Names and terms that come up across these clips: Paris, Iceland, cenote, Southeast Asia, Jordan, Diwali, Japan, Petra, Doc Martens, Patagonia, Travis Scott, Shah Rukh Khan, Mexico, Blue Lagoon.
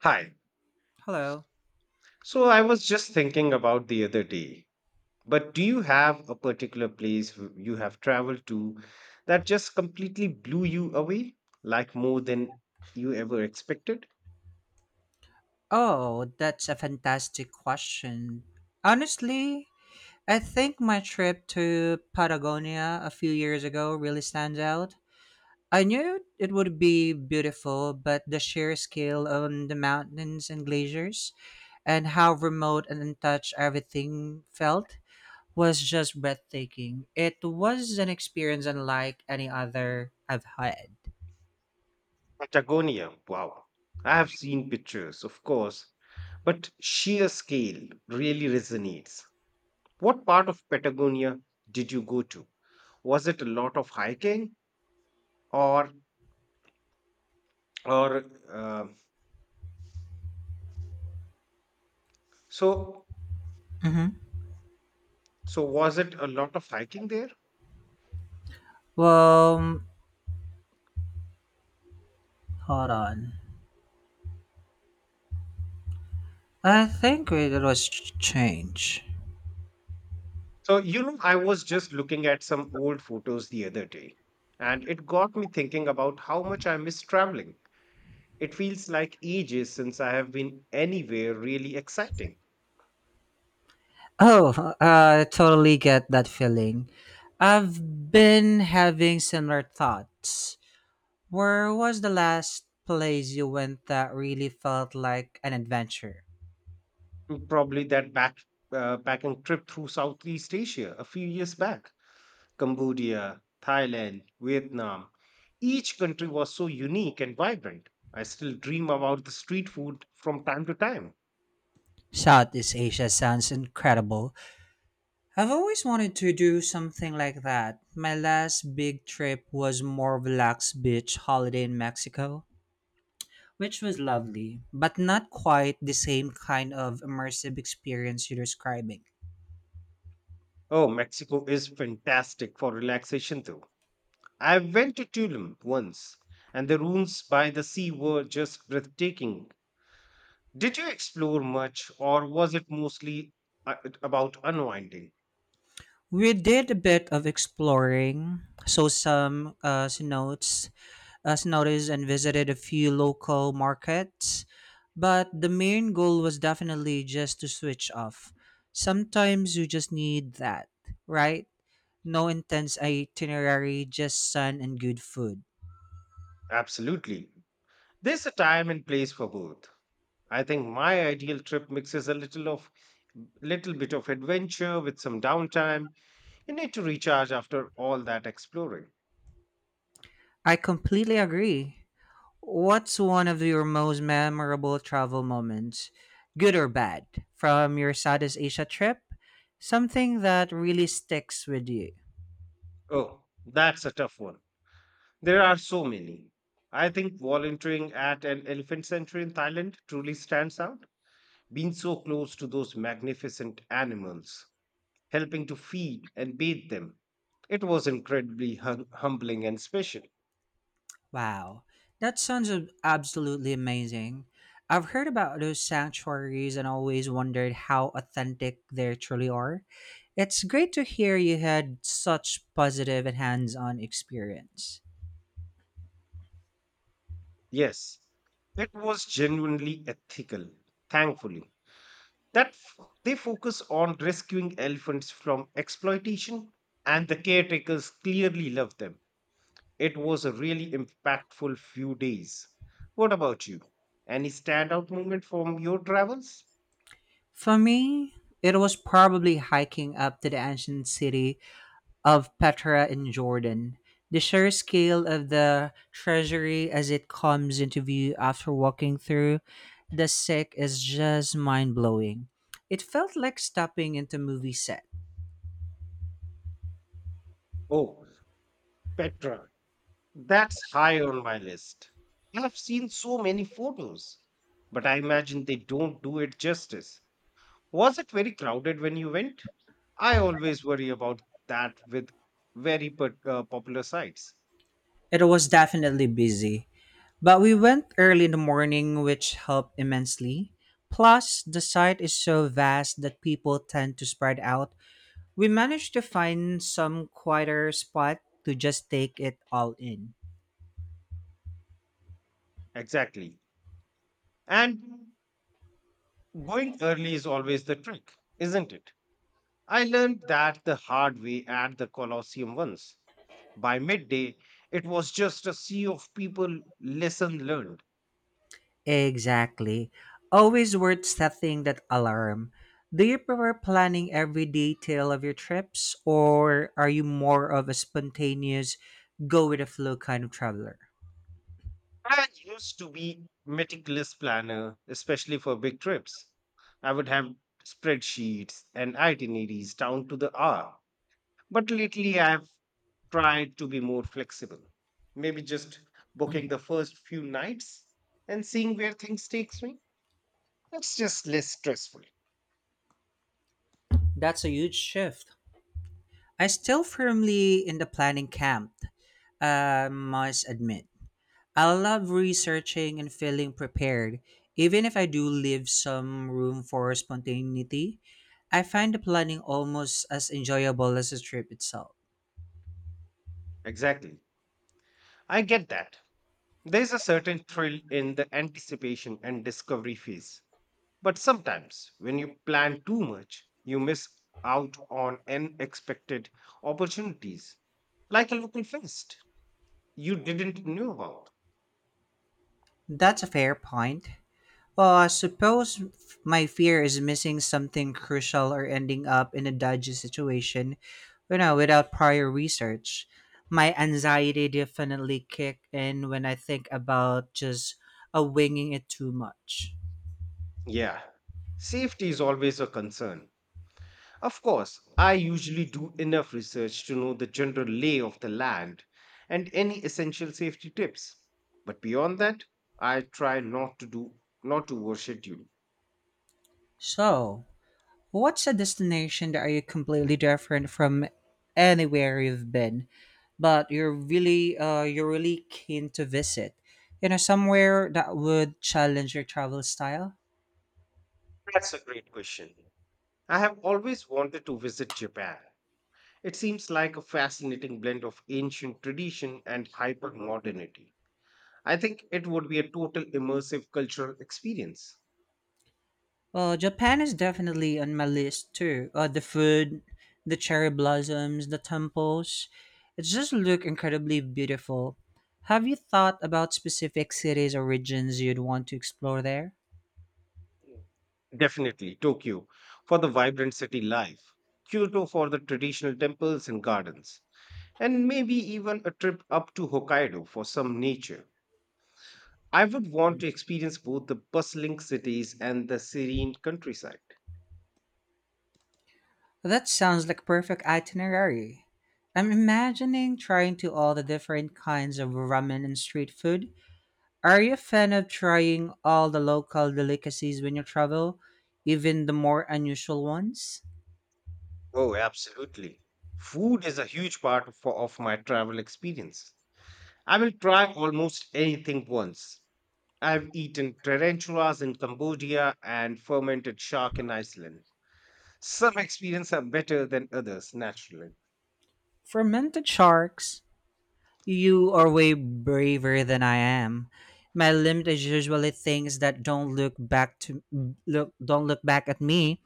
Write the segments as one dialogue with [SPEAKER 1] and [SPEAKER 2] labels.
[SPEAKER 1] Hi.
[SPEAKER 2] Hello.
[SPEAKER 1] So I was just thinking about the other day, but do you have a particular place you have traveled to that just completely blew you away, like more than you ever expected?
[SPEAKER 2] Oh, that's a fantastic question. Honestly, I think my trip to Patagonia a few years ago really stands out. I knew it would be beautiful, but the sheer scale of the mountains and glaciers and how remote and untouched everything felt was just breathtaking. It was an experience unlike any other I've had.
[SPEAKER 1] Patagonia. Wow. I have seen pictures, of course, but sheer scale really resonates. What part of Patagonia did you go to? Was it a lot of hiking or or uh, so
[SPEAKER 2] Mm-hmm.
[SPEAKER 1] was it a lot of hiking there?
[SPEAKER 2] Well, hold on. I think it was change.
[SPEAKER 1] So I was just looking at some old photos the other day and it got me thinking about how much I miss traveling. It feels like ages since I have been anywhere really exciting.
[SPEAKER 2] Oh, I totally get that feeling. I've been having similar thoughts. Where was the last place you went that really felt like an adventure?
[SPEAKER 1] Mm, probably that back packing trip through Southeast Asia a few years back. Cambodia, Thailand, Vietnam. Each country was so unique and vibrant. I still dream about the street food from time to time.
[SPEAKER 2] Southeast Asia sounds incredible. I've always wanted to do something like that. My last big trip was more relaxed beach holiday in Mexico, which was lovely, but not quite the same kind of immersive experience you're describing.
[SPEAKER 1] Oh, Mexico is fantastic for relaxation though. I went to Tulum once and the rooms by the sea were just breathtaking. Did you explore much, or was it mostly uh, about unwinding?
[SPEAKER 2] We did a bit of exploring, so some cenotes, cenotes, and visited a few local markets. But the main goal was definitely just to switch off. Sometimes you just need that, right? No intense itinerary, just sun and good food.
[SPEAKER 1] Absolutely. There's a time and place for both. I think my ideal trip mixes a little of little bit of adventure with some downtime. You need to recharge after all that exploring.
[SPEAKER 2] I completely agree. What's one of your most memorable travel moments, good or bad, from your Southeast Asia trip? Something that really sticks with you.
[SPEAKER 1] Oh, that's a tough one. There are so many. I think volunteering at an elephant sanctuary in Thailand truly stands out. Being so close to those magnificent animals, helping to feed and bathe them. It was incredibly humbling and special.
[SPEAKER 2] Wow, that sounds absolutely amazing. I've heard about those sanctuaries and always wondered how authentic they truly are. It's great to hear you had such positive and hands on experience.
[SPEAKER 1] Yes, it was genuinely ethical, thankfully. They focus on rescuing elephants from exploitation, and the caretakers clearly love them. It was a really impactful few days. What about you? Any standout moment from your travels?
[SPEAKER 2] For me, it was probably hiking up to the ancient city of Petra in Jordan. The sheer scale of the treasury as it comes into view after walking through the sick is just mind blowing. It felt like stepping into a movie set.
[SPEAKER 1] Oh, Petra. That's high on my list. I've seen so many photos, but I imagine they don't do it justice. Was it very crowded when you went? I always worry about that with popular sites.
[SPEAKER 2] It was definitely busy, but we went early in the morning, which helped immensely. Plus, the site is so vast that people tend to spread out. We managed to find some quieter spot to just take it all in.
[SPEAKER 1] Exactly. And going early is always the trick, isn't it? I learned that the hard way at the Colosseum once. By midday, it was just a sea of people, lesson learned.
[SPEAKER 2] Exactly. Always worth setting that alarm. Do you prefer planning every detail of your trips, or are you more of a spontaneous, go with the flow kind of traveler?
[SPEAKER 1] I used to be meticulous planner, especially for big trips. I would have spreadsheets and itineraries down to the hour. But lately I've tried to be more flexible. Maybe just booking the first few nights and seeing where things takes me. It's just less stressful.
[SPEAKER 2] That's a huge shift. I still firmly in the planning camp, I must admit. I love researching and feeling prepared. Even if I do leave some room for spontaneity, I find the planning almost as enjoyable as the trip itself.
[SPEAKER 1] Exactly. I get that. There's a certain thrill in the anticipation and discovery phase. But sometimes, when you plan too much, you miss out on unexpected opportunities, like a local fest you didn't know about.
[SPEAKER 2] That's a fair point. Well, I suppose my fear is missing something crucial or ending up in a dodgy situation, you know, without prior research. My anxiety definitely kick in when I think about just a winging it too much.
[SPEAKER 1] Yeah, safety is always a concern. Of course, I usually do enough research to know the general lay of the land and any essential safety tips. But beyond that, I try not to overschedule.
[SPEAKER 2] So, what's a destination that are you completely different from anywhere you've been, but you're really keen to visit? You know, somewhere that would challenge your travel style.
[SPEAKER 1] That's a great question. I have always wanted to visit Japan. It seems like a fascinating blend of ancient tradition and hypermodernity. I think it would be a total immersive cultural experience.
[SPEAKER 2] Well, Japan is definitely on my list too. The food, the cherry blossoms, the temples, it just look incredibly beautiful. Have you thought about specific cities or regions you'd want to explore there?
[SPEAKER 1] Definitely Tokyo for the vibrant city life, Kyoto for the traditional temples and gardens, and maybe even a trip up to Hokkaido for some nature. I would want to experience both the bustling cities and the serene countryside.
[SPEAKER 2] That sounds like perfect itinerary. I'm imagining trying to all the different kinds of ramen and street food. Are you a fan of trying all the local delicacies when you travel, even the more unusual ones?
[SPEAKER 1] Oh, absolutely. Food is a huge part of my travel experience. I will try almost anything once. I've eaten tarantulas in Cambodia and fermented shark in Iceland. Some experiences are better than others, naturally.
[SPEAKER 2] Fermented sharks. You are way braver than I am. My limit is usually things that don't look back to look don't look back at me.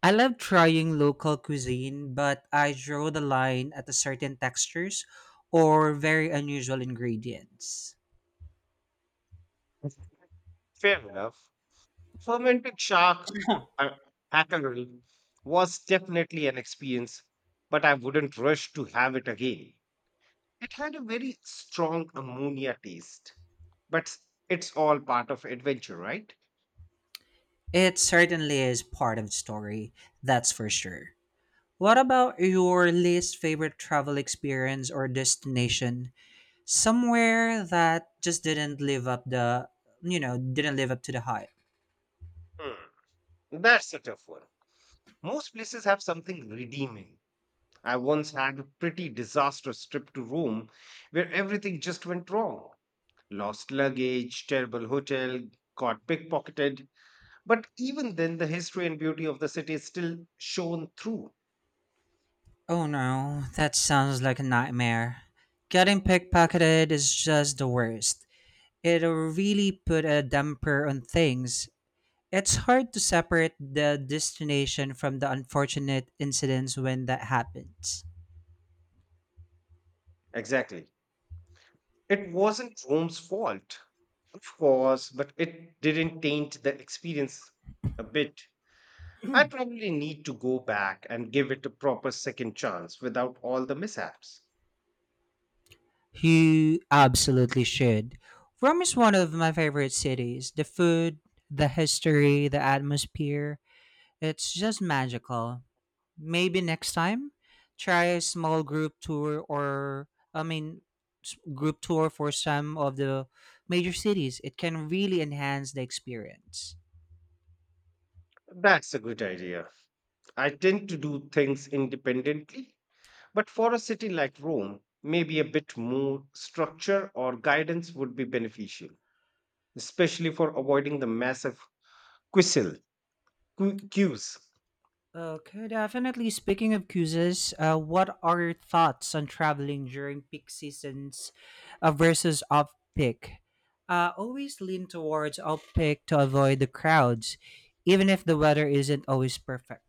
[SPEAKER 2] I love trying local cuisine, but I draw the line at a certain textures or very unusual ingredients.
[SPEAKER 1] Fair enough. Fermented shark, uh, hackerel, was definitely an experience, but I wouldn't rush to have it again. It had a very strong ammonia taste, but it's all part of adventure, right?
[SPEAKER 2] It certainly is part of the story, that's for sure. What about your least favorite travel experience or destination? Somewhere that just didn't live up the, you know, didn't live up to the hype.
[SPEAKER 1] Hmm. That's a tough one. Most places have something redeeming. I once had a pretty disastrous trip to Rome where everything just went wrong. Lost luggage, terrible hotel, got pickpocketed. But even then, the history and beauty of the city is still shown through.
[SPEAKER 2] Oh no, that sounds like a nightmare. Getting pickpocketed is just the worst. It will really put a damper on things. It's hard to separate the destination from the unfortunate incidents when that happens.
[SPEAKER 1] Exactly. It wasn't Rome's fault, of course, but it didn't taint the experience a bit. I probably need to go back and give it a proper second chance without all the mishaps.
[SPEAKER 2] You absolutely should. Rome is one of my favorite cities. The food, the history, the atmosphere, it's just magical. Maybe next time, try a small group tour or, I mean, group tour for some of the major cities. It can really enhance the experience.
[SPEAKER 1] That's a good idea. I tend to do things independently, but for a city like Rome, maybe a bit more structure or guidance would be beneficial, especially for avoiding the massive quissel queues.
[SPEAKER 2] Okay, definitely. Speaking of cruises, what are your thoughts on traveling during peak seasons versus off peak? Always lean towards off peak to avoid the crowds, even if the weather isn't always perfect.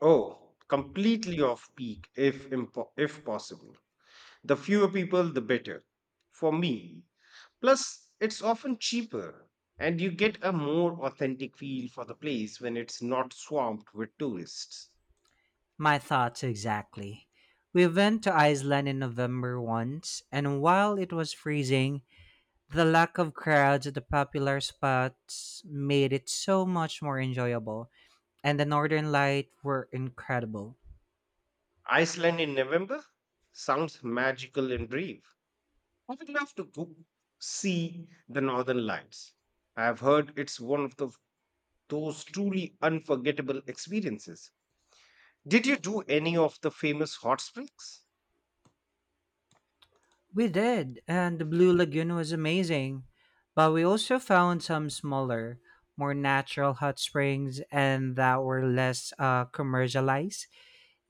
[SPEAKER 1] Oh, completely off peak if possible. The fewer people, the better. For me, plus, it's often cheaper, and you get a more authentic feel for the place when it's not swamped with tourists.
[SPEAKER 2] My thoughts exactly. We went to Iceland in November once, and while it was freezing, the lack of crowds at the popular spots made it so much more enjoyable, and the northern lights were incredible.
[SPEAKER 1] Iceland in November sounds magical and brave. I would love to go see the Northern Lights. I have heard it's those truly unforgettable experiences. Did you do any of the famous hot springs?
[SPEAKER 2] We did, and the Blue Lagoon was amazing. But we also found some smaller, more natural hot springs and that were less commercialized.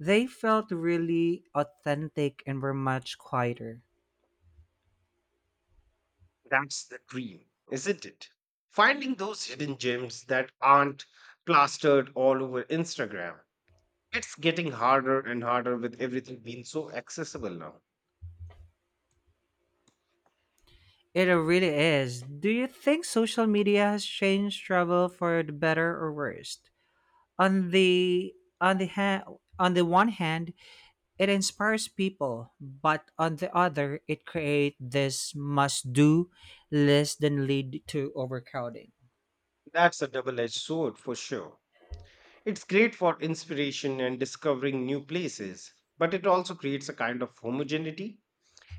[SPEAKER 2] They felt really authentic and were much quieter.
[SPEAKER 1] That's the dream, isn't it? Finding those hidden gems that aren't plastered all over Instagram. It's getting harder and harder with everything being so accessible now.
[SPEAKER 2] It really is. Do you think social media has changed travel for the better or worst? On the on the ha- on the one hand, it inspires people, but on the other, it creates this must do list than lead to overcrowding.
[SPEAKER 1] That's a double edged sword for sure. It's great for inspiration and discovering new places, but it also creates a kind of homogeneity.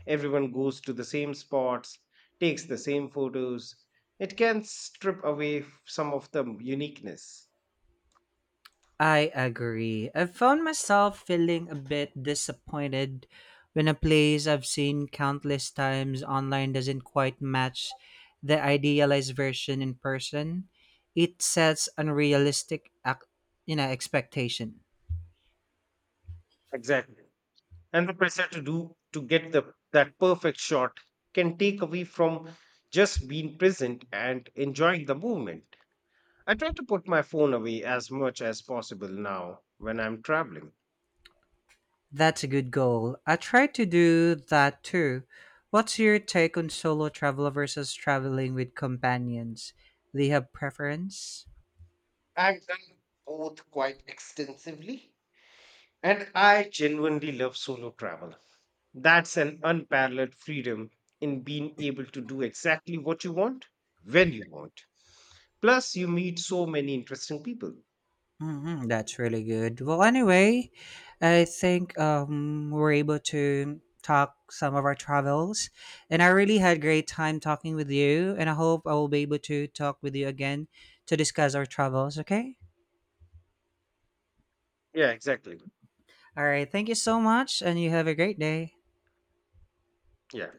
[SPEAKER 1] Everyone goes to the same spots, takes the same photos. It can strip away some of the uniqueness.
[SPEAKER 2] I agree. I found myself feeling a bit disappointed when a place I've seen countless times online doesn't quite match the idealized version in person. It sets unrealistic, expectation.
[SPEAKER 1] Exactly. And the pressure to do to get the that perfect shot can take away from just being present and enjoying the movement. I try to put my phone away as much as possible now when I'm traveling.
[SPEAKER 2] That's a good goal. I try to do that too. What's your take on solo travel versus traveling with companions? Do you have preference?
[SPEAKER 1] I've done both quite extensively, and I genuinely love solo travel. That's an unparalleled freedom in being able to do exactly what you want when you want. Plus, you meet so many interesting people.
[SPEAKER 2] Hmm, that's really good. Well, anyway, I think we're able to talk some of our travels, and I really had great time talking with you. And I hope I will be able to talk with you again to discuss our travels. Okay.
[SPEAKER 1] Yeah, exactly.
[SPEAKER 2] All right. Thank you so much, and you have a great day.
[SPEAKER 1] Yeah.